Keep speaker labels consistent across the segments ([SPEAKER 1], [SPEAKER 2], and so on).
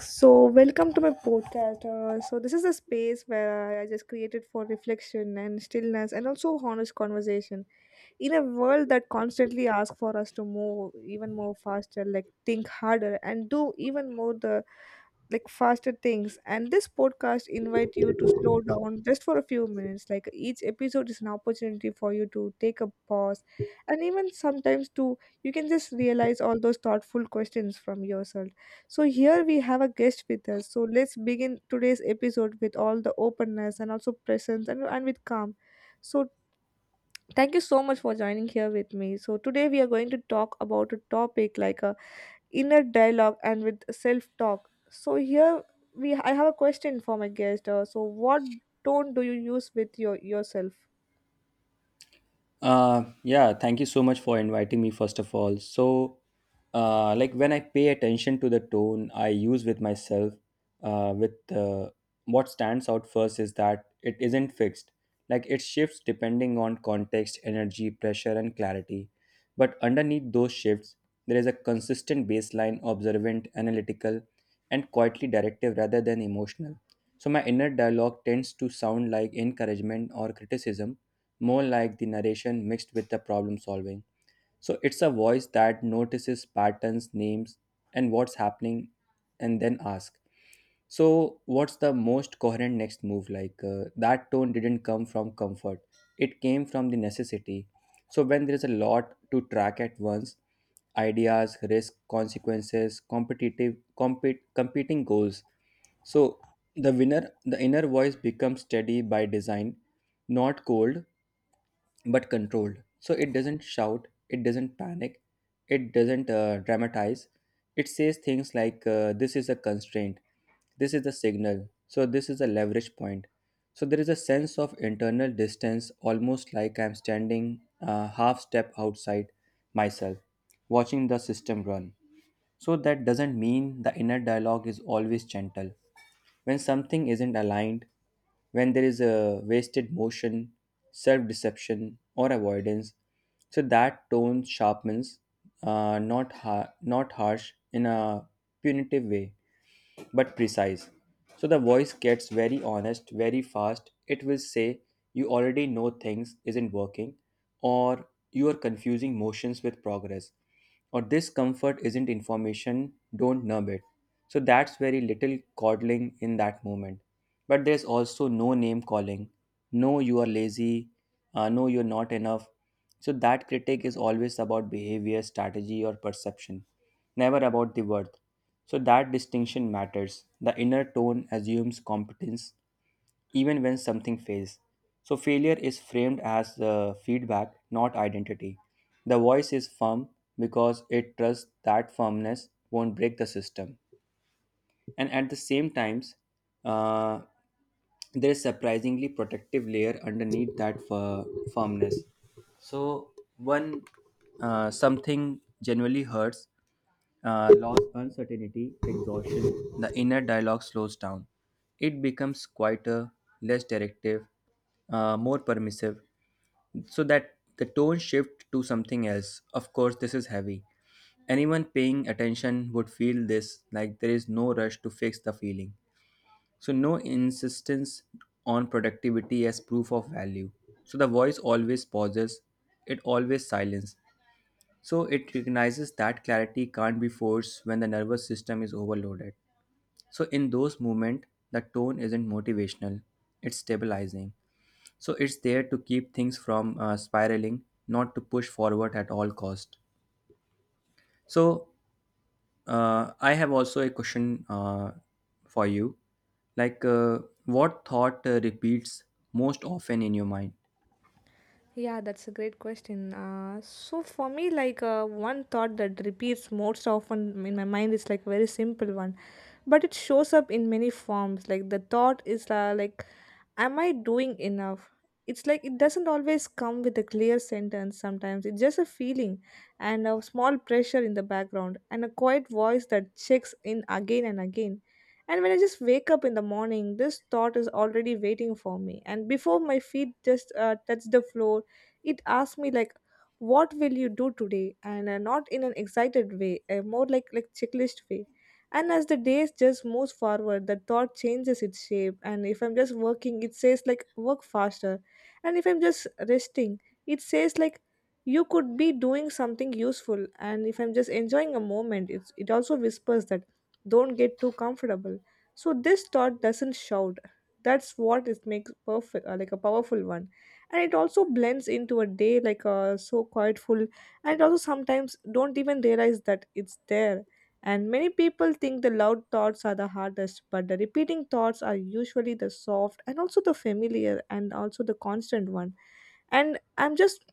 [SPEAKER 1] So, welcome to my podcast. This is a space where I just created for reflection and stillness and also honest conversation in a world that constantly asks for us to move even more faster, like think harder and do even more the like faster things. And this podcast invite you to slow down just for a few minutes. Like each episode is an opportunity for you to take a pause and even sometimes to, you can just realize all those thoughtful questions from yourself. So here we have a guest with us, so let's begin today's episode with all the openness and also presence and with calm. So thank you so much for joining here with me. So today we are going to talk about a topic like a inner dialogue and with self-talk. So here we I have a question for my guest. So what tone do you use with yourself?
[SPEAKER 2] Yeah, Thank you so much for inviting me, first of all. So, like when I pay attention to the tone I use with myself, with what stands out first is that it isn't fixed. Like it shifts depending on context, energy, pressure, and clarity. But underneath those shifts, there is a consistent baseline, observant, analytical, and quietly directive rather than emotional. So, my inner dialogue tends to sound like encouragement or criticism, more like the narration mixed with the problem solving. So it's a voice that notices patterns, names, and what's happening, and then asks. So, what's the most coherent next move like? That tone didn't come from comfort, it came from the necessity. So, when there is a lot to track at once, ideas, risk, consequences, competing goals. So, the inner voice becomes steady by design, not cold, but controlled. So it doesn't shout, it doesn't panic, it doesn't dramatize. It says things like, this is a constraint, this is the signal, so this is a leverage point. So there is a sense of internal distance, almost like I'm standing a half step outside myself, watching the system run. So that doesn't mean the inner dialogue is always gentle. When something isn't aligned, when there is a wasted motion, self deception, or avoidance, so that tone sharpens, not harsh in a punitive way but precise. So the voice gets very honest very fast. It will say, you already know things isn't working, or you are confusing motions with progress, or this comfort isn't information, don't numb it. So that's very little coddling in that moment. But there's also no name calling, no, you are lazy, no, you're not enough. So that critique is always about behavior, strategy, or perception, never about the worth. So that distinction matters. The inner tone assumes competence even when something fails. So failure is framed as feedback, not identity. The voice is firm because it trusts that firmness won't break the system. And at the same times, uh there is surprisingly protective layer underneath that firmness, so when something genuinely hurts, loss, uncertainty, exhaustion, the inner dialogue slows down, it becomes quieter, less directive, more permissive. So that the tone shift to something else, of course this is heavy, anyone paying attention would feel this, like there is no rush to fix the feeling, so no insistence on productivity as proof of value. So the voice always pauses, it always silences. So it recognizes that clarity can't be forced when the nervous system is overloaded. So in those moments, the tone isn't motivational, it's stabilizing. So it's there to keep things from spiraling, not to push forward at all cost. So I have also a question for you. Like, what thought repeats most often in your mind?
[SPEAKER 1] Yeah, that's a great question. So for me, like one thought that repeats most often in my mind is like very simple one, but it shows up in many forms. Like the thought is like am I doing enough? It's like it doesn't always come with a clear sentence sometimes. It's just a feeling and a small pressure in the background and a quiet voice that checks in again and again. And when I just wake up in the morning, this thought is already waiting for me. And before my feet just touch the floor, it asks me like, "What will you do today?" And not in an excited way, more like checklist way. And as the days just moves forward, the thought changes its shape. And if I'm just working, it says like work faster. And if I'm just resting, it says like you could be doing something useful. And if I'm just enjoying a moment, it also whispers that don't get too comfortable. So this thought doesn't shout. That's what it makes perfect, like a powerful one. And it also blends into a day like a so quietful, and also sometimes don't even realize that it's there. And many people think the loud thoughts are the hardest, but the repeating thoughts are usually the soft and also the familiar and also the constant one. And I'm just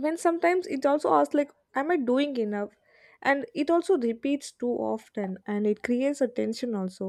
[SPEAKER 1] When sometimes it also asks like am I doing enough, and it also repeats too often and it creates a tension also,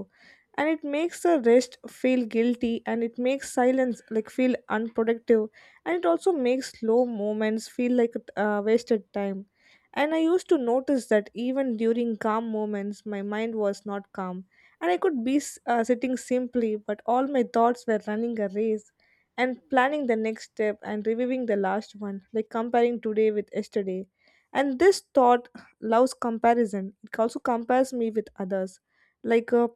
[SPEAKER 1] and it makes the rest feel guilty, and it makes silence like feel unproductive, and it also makes slow moments feel like wasted time. And I used to notice that even during calm moments my mind was not calm, and I could be sitting simply, but all my thoughts were running a race and planning the next step and reviewing the last one, like comparing today with yesterday. And this thought loves comparison. It also compares me with others. Like uh,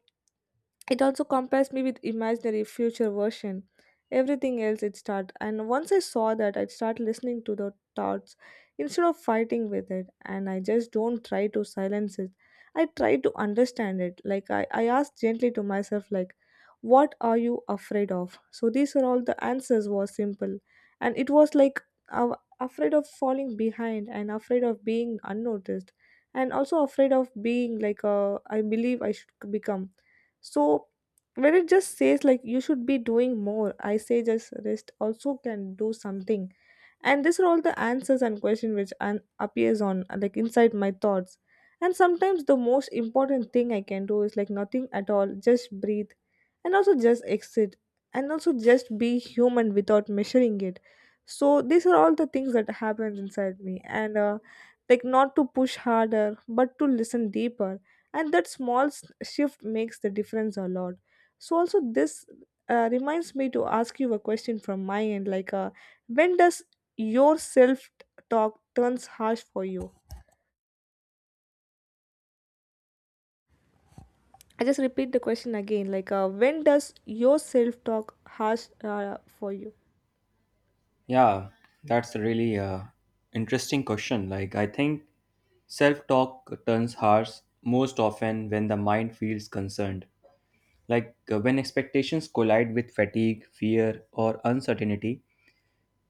[SPEAKER 1] it also compares me with imaginary future version. Everything else it start. And once I saw that I'd start listening to the thoughts instead of fighting with it, and I just don't try to silence it. I try to understand it. Like I ask gently to myself like what are you afraid of? So these are all the answers were simple. And it was like uh, afraid of falling behind and afraid of being unnoticed and also afraid of being like I believe I should become. So when it just says like you should be doing more, I say just rest also can do something. And these are all the answers and questions which appears on like inside my thoughts. And sometimes the most important thing I can do is like nothing at all, just breathe and also just exit and also just be human without measuring it. So these are all the things that happens inside me. And like not to push harder but to listen deeper, and that small shift makes the difference a lot. So also this reminds me to ask you a question from my end like when does your self talk turns harsh for you? I just repeat the question again like when does your self talk harsh for you?
[SPEAKER 2] Yeah, that's a really interesting question. Like, I think self talk turns harsh most often when the mind feels concerned. Like, when expectations collide with fatigue, fear, or uncertainty,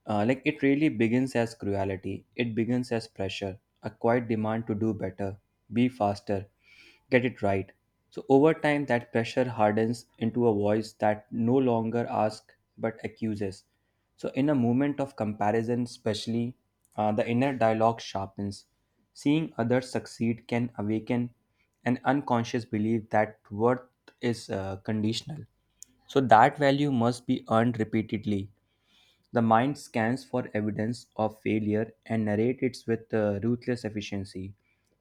[SPEAKER 2] Like it really begins as cruelty. It begins as pressure, a quiet demand to do better, be faster, get it right. So over time, that pressure hardens into a voice that no longer asks but accuses. So in a moment of comparison, especially, the inner dialogue sharpens. Seeing others succeed can awaken an unconscious belief that worth is conditional. So that value must be earned repeatedly, the mind scans for evidence of failure and narrates it with ruthless efficiency.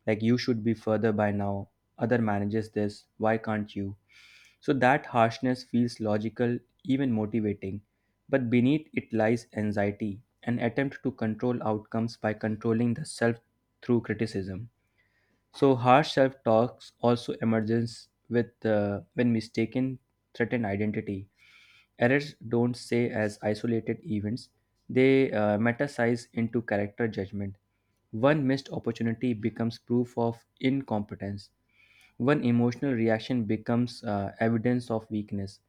[SPEAKER 2] Like, you should be further by now. Other manages this. Why can't you? So, that harshness feels logical, even motivating. But beneath it lies anxiety, an attempt to control outcomes by controlling the self through criticism. So, harsh self talks also emerges with, when mistaken, threatened identity. Errors don't stay as isolated events, they metasize into character judgment. One missed opportunity becomes proof of incompetence, one emotional reaction becomes evidence of weakness.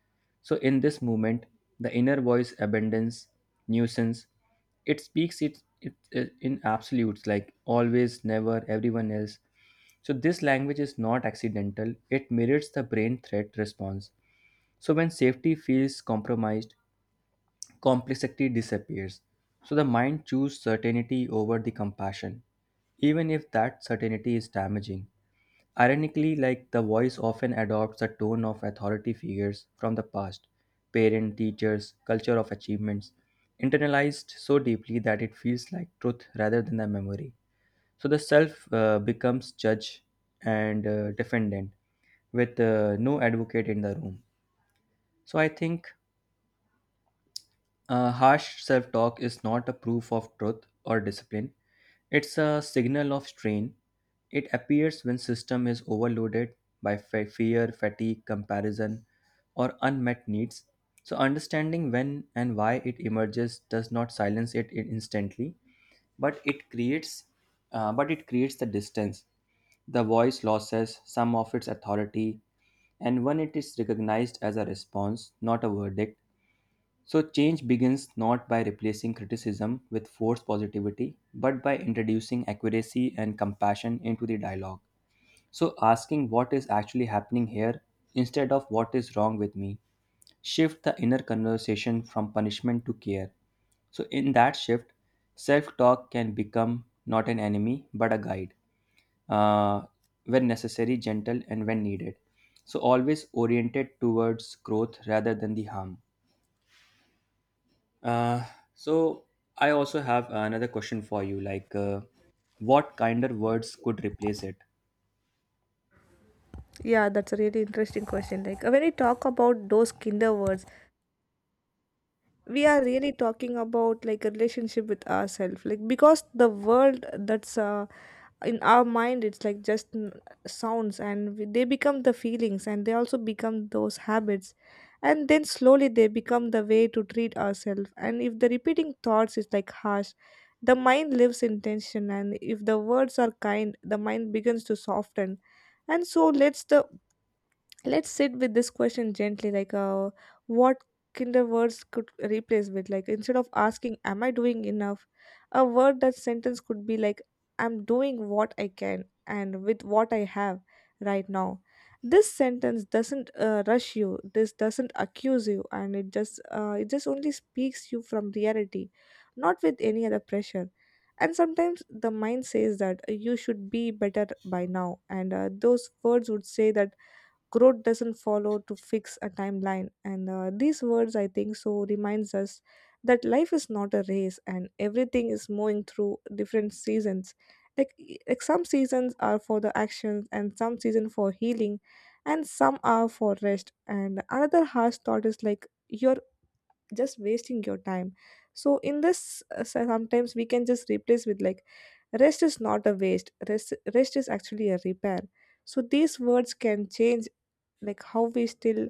[SPEAKER 2] So, in this movement, the inner voice abandons nuisance. It speaks it in absolutes like always, never, everyone else. So, this language is not accidental, it mirrors the brain threat response. So, when safety feels compromised, complexity disappears. So the mind chooses certainty over the compassion, even if that certainty is damaging. Ironically, like the voice often adopts the tone of authority figures from the past, parent, teachers, culture of achievements, internalized so deeply that it feels like truth rather than a memory. So the self becomes judge and defendant with no advocate in the room. So I think harsh self talk is not a proof of truth or discipline, it's a signal of strain. It appears when system is overloaded by fear, fatigue, comparison, or unmet needs. So understanding when and why it emerges does not silence it instantly, but it creates the distance. The voice loses some of its authority, and when it is recognized as a response, not a verdict, so, change begins not by replacing criticism with forced positivity, but by introducing accuracy and compassion into the dialogue. So, asking what is actually happening here instead of what is wrong with me, shift the inner conversation from punishment to care. So, in that shift, self talk can become not an enemy but a guide, uh, when necessary, gentle, and when needed. So, always oriented towards growth rather than the harm. Uh, so I also have another question for you. Like, what kinder words could replace it?
[SPEAKER 1] Yeah, that's a really interesting question. Like when we talk about those kinder words, we are really talking about like a relationship with ourselves. Like because the world that's in our mind it's like just sounds, and they become the feelings and they also become those habits, and then slowly they become the way to treat ourselves. And if the repeating thoughts is like harsh, the mind lives in tension, and if the words are kind the mind begins to soften. And so lets the let's sit with this question gently like what kinder words could replace with. Like instead of asking am I doing enough, a word that sentence could be like I'm doing what I can and with what I have right now. This sentence doesn't rush you, this doesn't accuse you, and it just only speaks you from reality, not with any other pressure. And sometimes the mind says that you should be better by now, and those words would say that growth doesn't follow to fix a timeline. And these words I think so reminds us that life is not a race and everything is moving through different seasons. Like, e, like some seasons are for the actions and some season for healing and some are for rest. And another harsh thought is like you're just wasting your time. So in this so sometimes we can just replace with like rest is not a waste, rest is actually a repair. So these words can change like how we still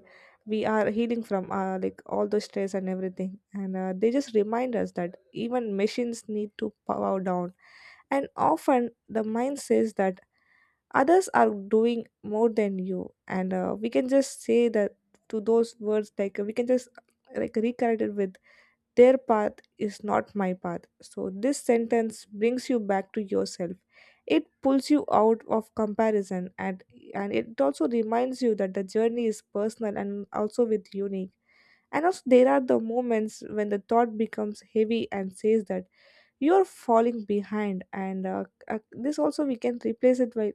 [SPEAKER 1] we are healing from like all the stress and everything. And they just remind us that even machines need to power down. And often the mind says that others are doing more than you, and we can just say that to those words. Like we can just like reconnect it with their path is not my path. So, this sentence brings you back to yourself. It pulls you out of comparison, and it also reminds you that the journey is personal and also with unique. And also, there are the moments when the thought becomes heavy and says that you're falling behind. And this also we can replace it by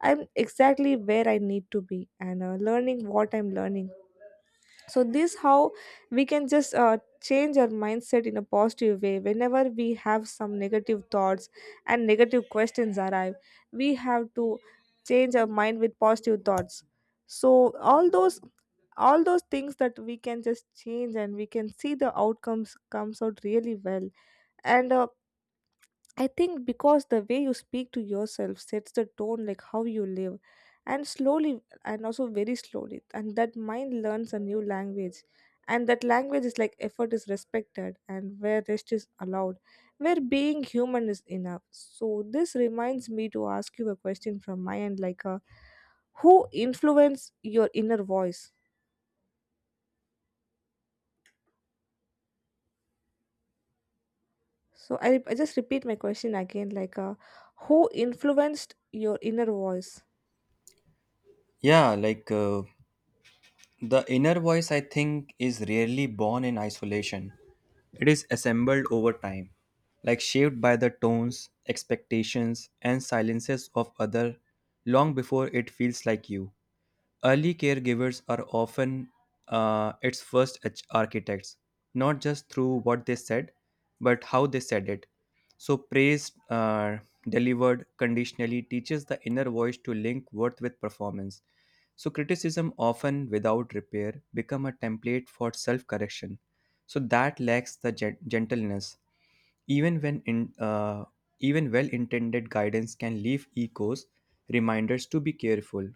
[SPEAKER 1] I'm exactly where I need to be and learning what I'm learning. So this how we can just change our mindset in a positive way. Whenever we have some negative thoughts and negative questions arrive, we have to change our mind with positive thoughts. So all those things that we can just change, and we can see the outcomes comes out really well. And I think because the way you speak to yourself sets the tone like how you live, and slowly and also very slowly, and that mind learns a new language. And that language is like effort is respected and where rest is allowed, where being human is enough. So this reminds me to ask you a question from my end like who influence your inner voice? So I just repeat my question again like who influenced your inner voice?
[SPEAKER 2] Yeah, like the inner voice, I think, is rarely born in isolation. It is assembled over time, like shaped by the tones, expectations, and silences of other long before it feels like you. Early caregivers are often its first architects, not just through what they said, but how they said it. So, praise delivered conditionally teaches the inner voice to link worth with performance. So, criticism, often without repair, become a template for self correction. So, that lacks the gentleness even even well intended guidance can leave echoes, reminders to be careful,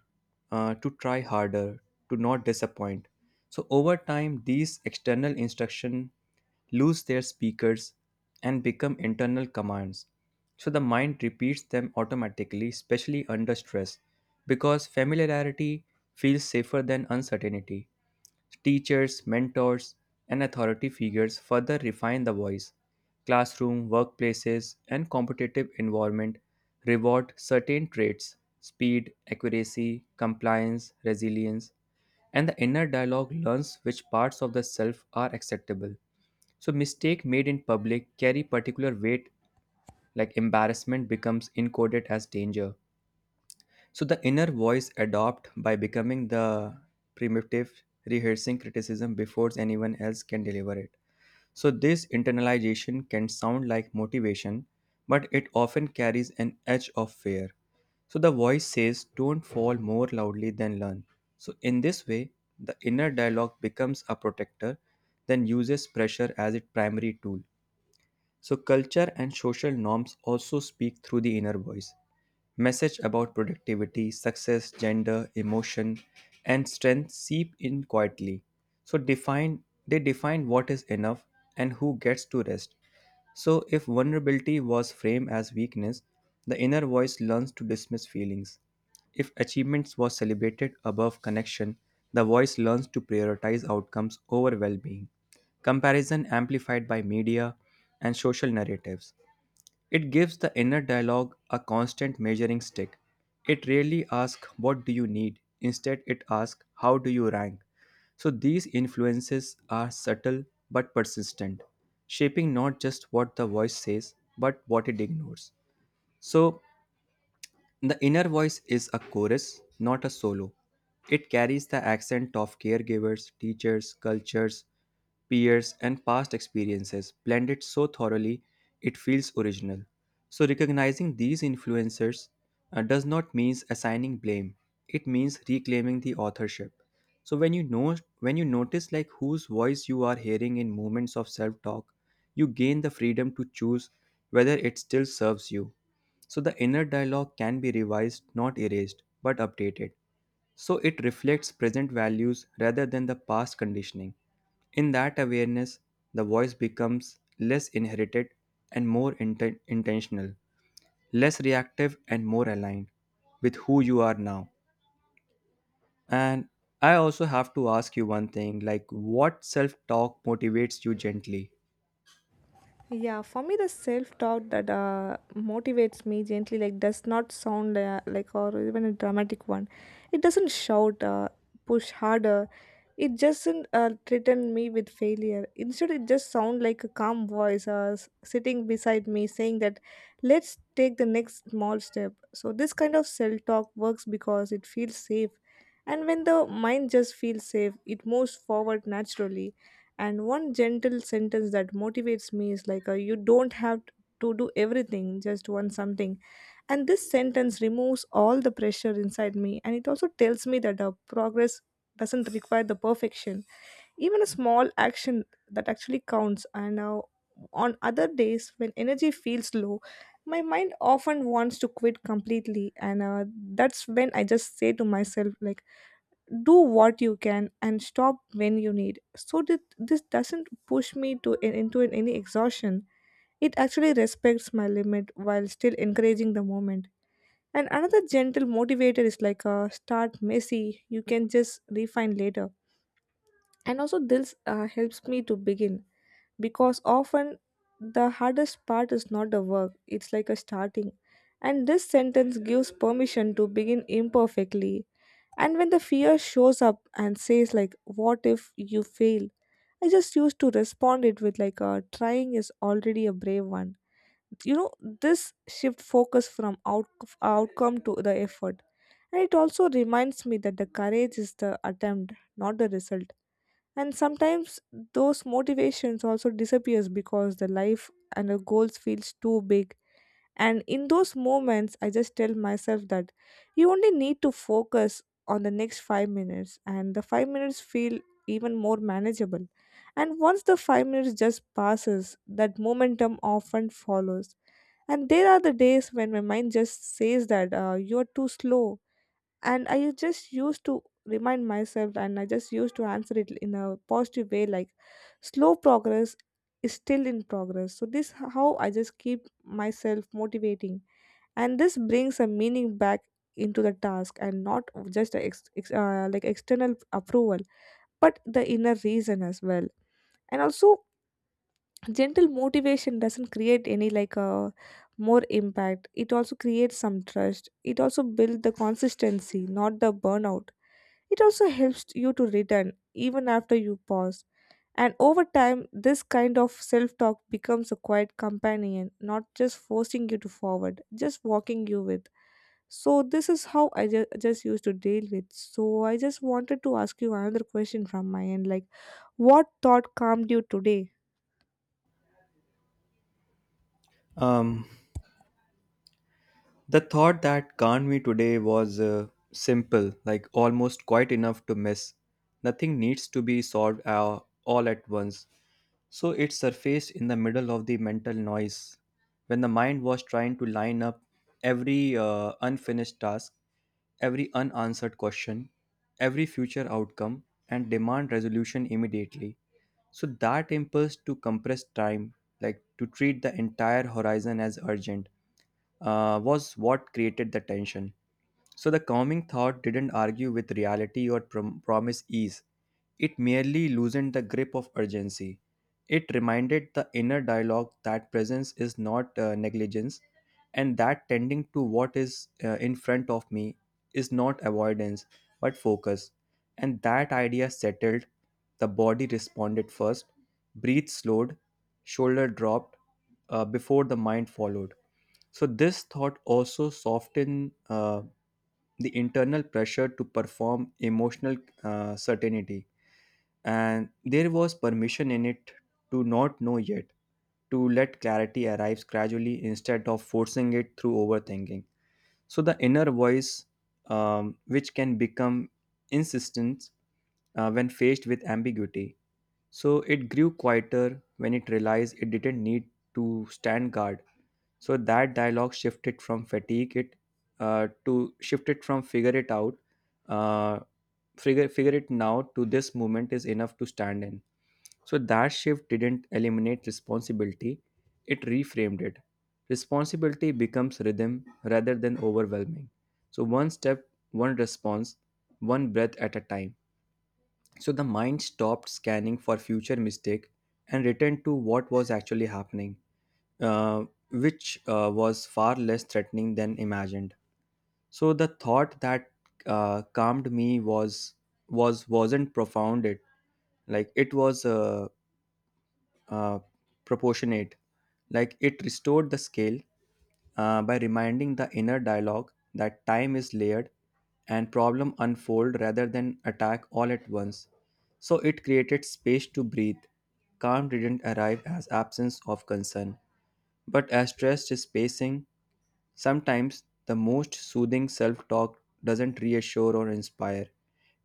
[SPEAKER 2] to try harder, to not disappoint. So, over time, these external instruction lose their speakers and become internal commands. So, the mind repeats them automatically, especially under stress, because familiarity feels safer than uncertainty. Teachers, mentors, and authority figures further refine the voice. Classroom, workplaces, and competitive environment reward certain traits speed, accuracy, compliance, resilience, and the inner dialogue learns which parts of the self are acceptable. So, mistake made in public carry particular weight, like embarrassment becomes encoded as danger. So the inner voice adopt by becoming the primitive, rehearsing criticism before anyone else can deliver it. So this internalization can sound like motivation, but it often carries an edge of fear. So the voice says, don't fall more loudly than learn. So in this way, the inner dialogue becomes a protector, then uses pressure as its primary tool. So, culture and social norms also speak through the inner voice. Message about productivity, success, gender, emotion, and strength seep in quietly. So, define they define what is enough and who gets to rest. So, if vulnerability was framed as weakness, the inner voice learns to dismiss feelings. If achievements was celebrated above connection, the voice learns to prioritize outcomes over well being. Comparison amplified by media and social narratives. It gives the inner dialogue a constant measuring stick. It rarely asks, what do you need? Instead, it asks, how do you rank? So these influences are subtle but persistent, shaping not just what the voice says, but what it ignores. So the inner voice is a chorus, not a solo. It carries the accent of caregivers, teachers, cultures, peers, and past experiences blended so thoroughly it feels original. So, recognizing these influencers does not mean assigning blame, it means reclaiming the authorship. So, when you notice like whose voice you are hearing in moments of self talk, you gain the freedom to choose whether it still serves you, so the inner dialogue can be revised, not erased, but updated. So it reflects present values rather than the past conditioning. In that awareness, the voice becomes less inherited and more intentional, less reactive and more aligned with who you are now. And I also have to ask you one thing like, what self talk motivates you gently?
[SPEAKER 1] Yeah, for me, the self doubt that motivates me gently, like, does not sound like or even a dramatic one. It doesn't shout, push harder. It doesn't threaten me with failure. Instead, it just sounds like a calm voice sitting beside me saying that, let's take the next small step. So, this kind of self talk works because it feels safe. And when the mind just feels safe, it moves forward naturally, and one gentle sentence that motivates me is like you don't have to do everything, just one something. And this sentence removes all the pressure inside me, and it also tells me that progress doesn't require the perfection, even a small action that actually counts. And on other days when energy feels low, my mind often wants to quit completely, and that's when I just say to myself, like, do what you can and stop when you need, so that this doesn't push me to into an- any exhaustion. It actually respects my limit while still encouraging the moment. And another gentle motivator is like, a start messy, you can just refine later. And also this helps me to begin, because often the hardest part is not the work, it's like a starting. And this sentence gives permission to begin imperfectly. And when the fear shows up and says, like, what if you fail, I just used to respond it with, like, a trying is already a brave one, you know. This shift focus from outcome to the effort, and it also reminds me that the courage is the attempt, not the result. And sometimes those motivations also disappears, because the life and the goals feels too big. And in those moments I just tell myself that you only need to focus on the next 5 minutes, and the 5 minutes feel even more manageable. And once the 5 minutes just passes, that momentum often follows. And there are the days when my mind just says that you're too slow, and I just used to remind myself, and I just used to answer it in a positive way, like slow progress is still in progress. So this how I just keep myself motivating, and this brings a meaning back into the task, and not just a like external approval, but the inner reason as well. And also, gentle motivation doesn't create any, like, a more impact, it also creates some trust, it also builds the consistency, not the burnout. It also helps you to return even after you pause. And over time, this kind of self talk becomes a quiet companion, not just forcing you to forward, just walking you with. So, this is how I just used to deal with. So, I just wanted to ask you another question from my end, like, what thought calmed you today?
[SPEAKER 2] Um, The thought that calmed me today was simple, like almost quite enough to miss. Nothing needs to be solved all at once. So it surfaced in the middle of the mental noise. When the mind was trying to line up every unfinished task, every unanswered question, every future outcome, and demand resolution immediately. So that impulse to compress time, like to treat the entire horizon as urgent, was what created the tension. So the calming thought didn't argue with reality or promise ease. It merely loosened the grip of urgency. It reminded the inner dialogue that presence is not negligence and that tending to what is in front of me is not avoidance but focus. And that idea settled, the body responded first, breath slowed, shoulder dropped before the mind followed. So this thought also softened the internal pressure to perform emotional certainty, and there was permission in it to not know yet, to let clarity arrive gradually instead of forcing it through overthinking. So the inner voice, which can become insistent when faced with ambiguity, so it grew quieter when it realized it didn't need to stand guard. So that dialogue shifted from fatigue it to shifted from figure it out, uh, figure it now to this moment is enough to stand in. So that shift didn't eliminate responsibility; it reframed it. Responsibility becomes rhythm rather than overwhelming. So one step, one response, one breath at a time. So the mind stopped scanning for future mistake and returned to what was actually happening, uh, which was far less threatening than imagined. So the thought that calmed me was wasn't profound. It was uh, proportionate. Like it restored the scale by reminding the inner dialogue that time is layered and problem unfold rather than attack all at once. So it created space to breathe. Calm didn't arrive as absence of concern, but as stressed spacing. Sometimes the most soothing self talk doesn't reassure or inspire.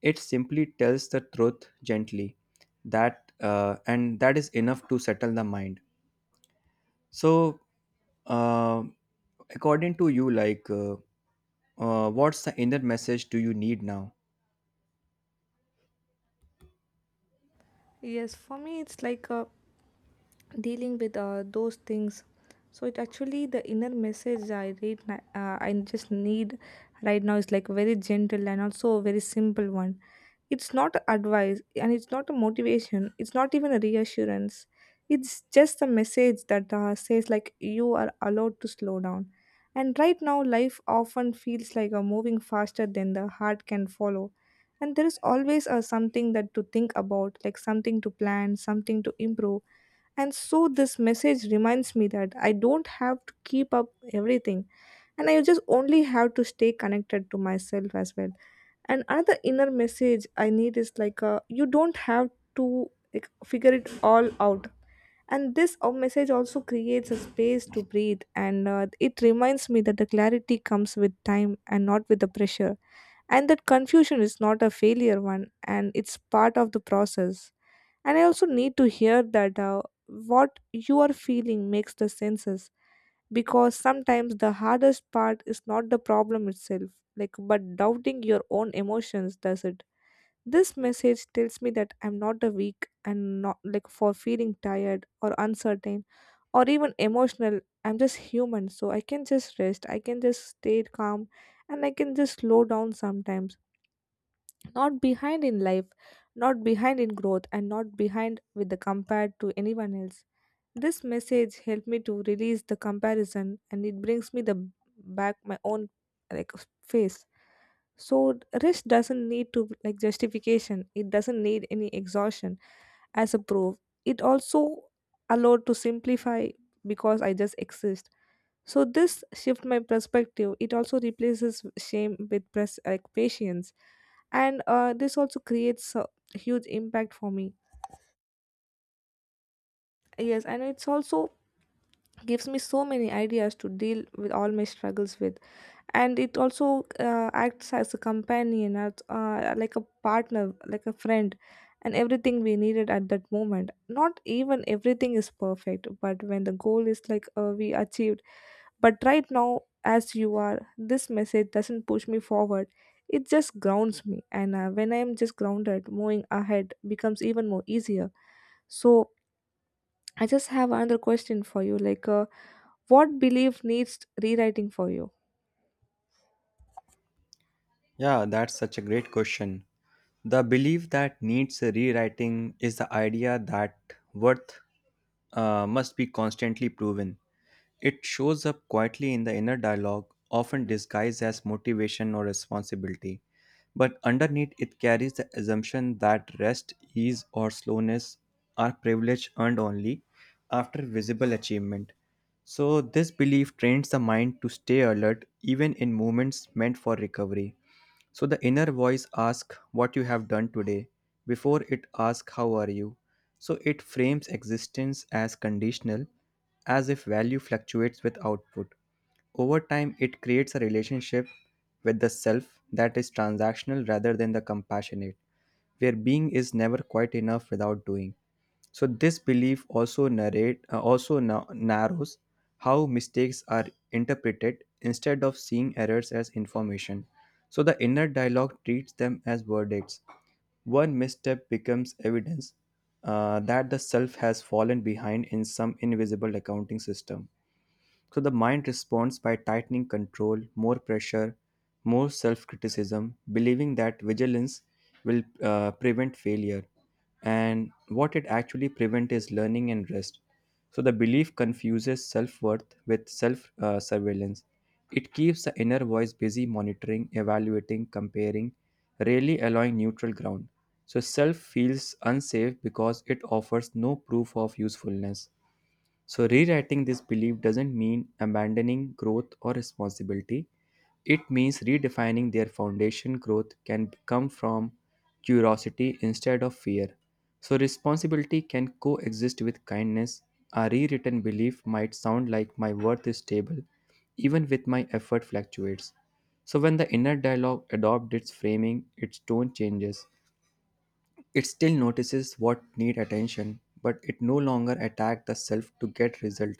[SPEAKER 2] It simply tells the truth gently, that and that is enough to settle the mind. So, uh, according to you, like, what's the inner message do you need now?
[SPEAKER 1] Yes, for me, it's like a dealing with those things. So it actually the inner message I just need right now is like very gentle and also a very simple one. It's not advice, and it's not a motivation, it's not even a reassurance. It's just a message that says, like, you are allowed to slow down. And right now life often feels like a moving faster than the heart can follow, and there is always something that to think about, like something to plan, something to improve. And so this message reminds me that I don't have to keep up everything, and I just only have to stay connected to myself as well. And another inner message I need is like you don't have to, like, figure it all out. And this message also creates a space to breathe, and it reminds me that the clarity comes with time and not with the pressure. And that confusion is not a failure one, and it's part of the process. And I also need to hear that what you are feeling makes the senses, because sometimes the hardest part is not the problem itself, like, but doubting your own emotions does it. This message tells me that I'm not a weak, and not like for feeling tired or uncertain or even emotional. I'm just human, so I can just rest, I can just stay calm, and I can just slow down sometimes. Not behind in life, not behind in growth, and not behind with the compared to anyone else. This message helped me to release the comparison, and it brings me the back my own, like, face. So rest doesn't need to, like, justification. It doesn't need any exhaustion as a proof. It also allowed to simplify because I just exist. So this shift my perspective. It also replaces shame with like patience, and this also creates a huge impact for me. Yes, and it's also gives me so many ideas to deal with all my struggles with. And it also acts as a companion, as like a partner, like a friend, and everything we needed at that moment. Not even everything is perfect, but when the goal is like we achieved. But right now, as you are, this message doesn't push me forward. It just grounds me. And when I am just grounded, moving ahead becomes even more easier. So I just have another question for you. Like, what belief needs rewriting for you?
[SPEAKER 2] Yeah, that's such a great question. The belief that needs rewriting is the idea that worth must be constantly proven. It shows up quietly in the inner dialogue, often disguised as motivation or responsibility. But underneath, it carries the assumption that rest, ease, or slowness are privilege earned only after visible achievement. So, this belief trains the mind to stay alert even in moments meant for recovery. So the inner voice asks what you have done today before it asks how are you. So it frames existence as conditional, as if value fluctuates with output. Over time, it creates a relationship with the self that is transactional rather than the compassionate, where being is never quite enough without doing. So this belief also narrate, also narrows how mistakes are interpreted. Instead of seeing errors as information, so the inner dialogue treats them as verdicts. One misstep becomes evidence that the self has fallen behind in some invisible accounting system. So the mind responds by tightening control, more pressure, more self criticism, believing that vigilance will prevent failure. And what it actually prevents is learning and rest. So the belief confuses self worth with self surveillance. It keeps the inner voice busy monitoring, evaluating, comparing, rarely allowing neutral ground. So self feels unsafe because it offers no proof of usefulness. So, rewriting this belief doesn't mean abandoning growth or responsibility. It means redefining their foundation. Growth can come from curiosity instead of fear. So, responsibility can coexist with kindness. A rewritten belief might sound like my worth is stable, even with my effort fluctuates. So, when the inner dialogue adopts its framing, its tone changes. It still notices what need attention, but it no longer attacks the self to get result.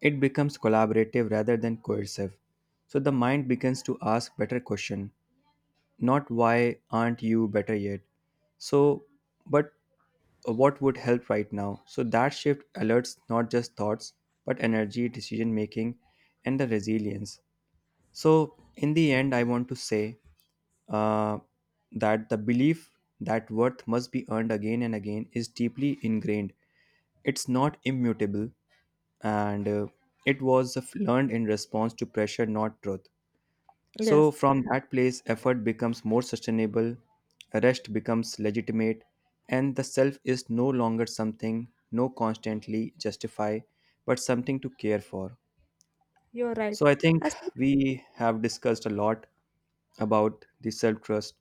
[SPEAKER 2] It becomes collaborative rather than coercive. So the mind begins to ask better questions, not why aren't you better yet? So, but what would help right now? So that shift alerts not just thoughts, but energy, decision making, and the resilience. So, in the end, I want to say uh, that the belief that worth must be earned again and again is deeply ingrained. It's not immutable, and it was learned in response to pressure, not truth. So,
[SPEAKER 1] Yes,
[SPEAKER 2] from that place, effort becomes more sustainable, rest becomes legitimate, and the self is no longer something no constantly justify, but something to care for.
[SPEAKER 1] you're right.
[SPEAKER 2] So, I think
[SPEAKER 1] As
[SPEAKER 2] we have discussed a lot about the self trust,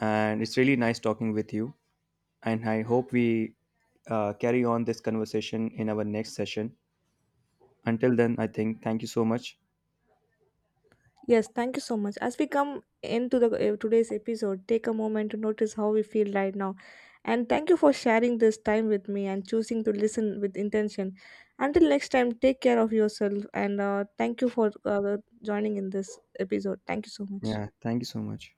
[SPEAKER 2] and it's really nice talking with you. And I hope we carry on this conversation in our next session. Until then, I think thank you so much.
[SPEAKER 1] yes, thank you so much. As we come into the today's episode, take a moment to notice how we feel right now. And thank you for sharing this time with me and choosing to listen with intention. Until next time, take care of yourself, and thank you for joining in this episode. Thank you so much.
[SPEAKER 2] Yeah, thank you so much.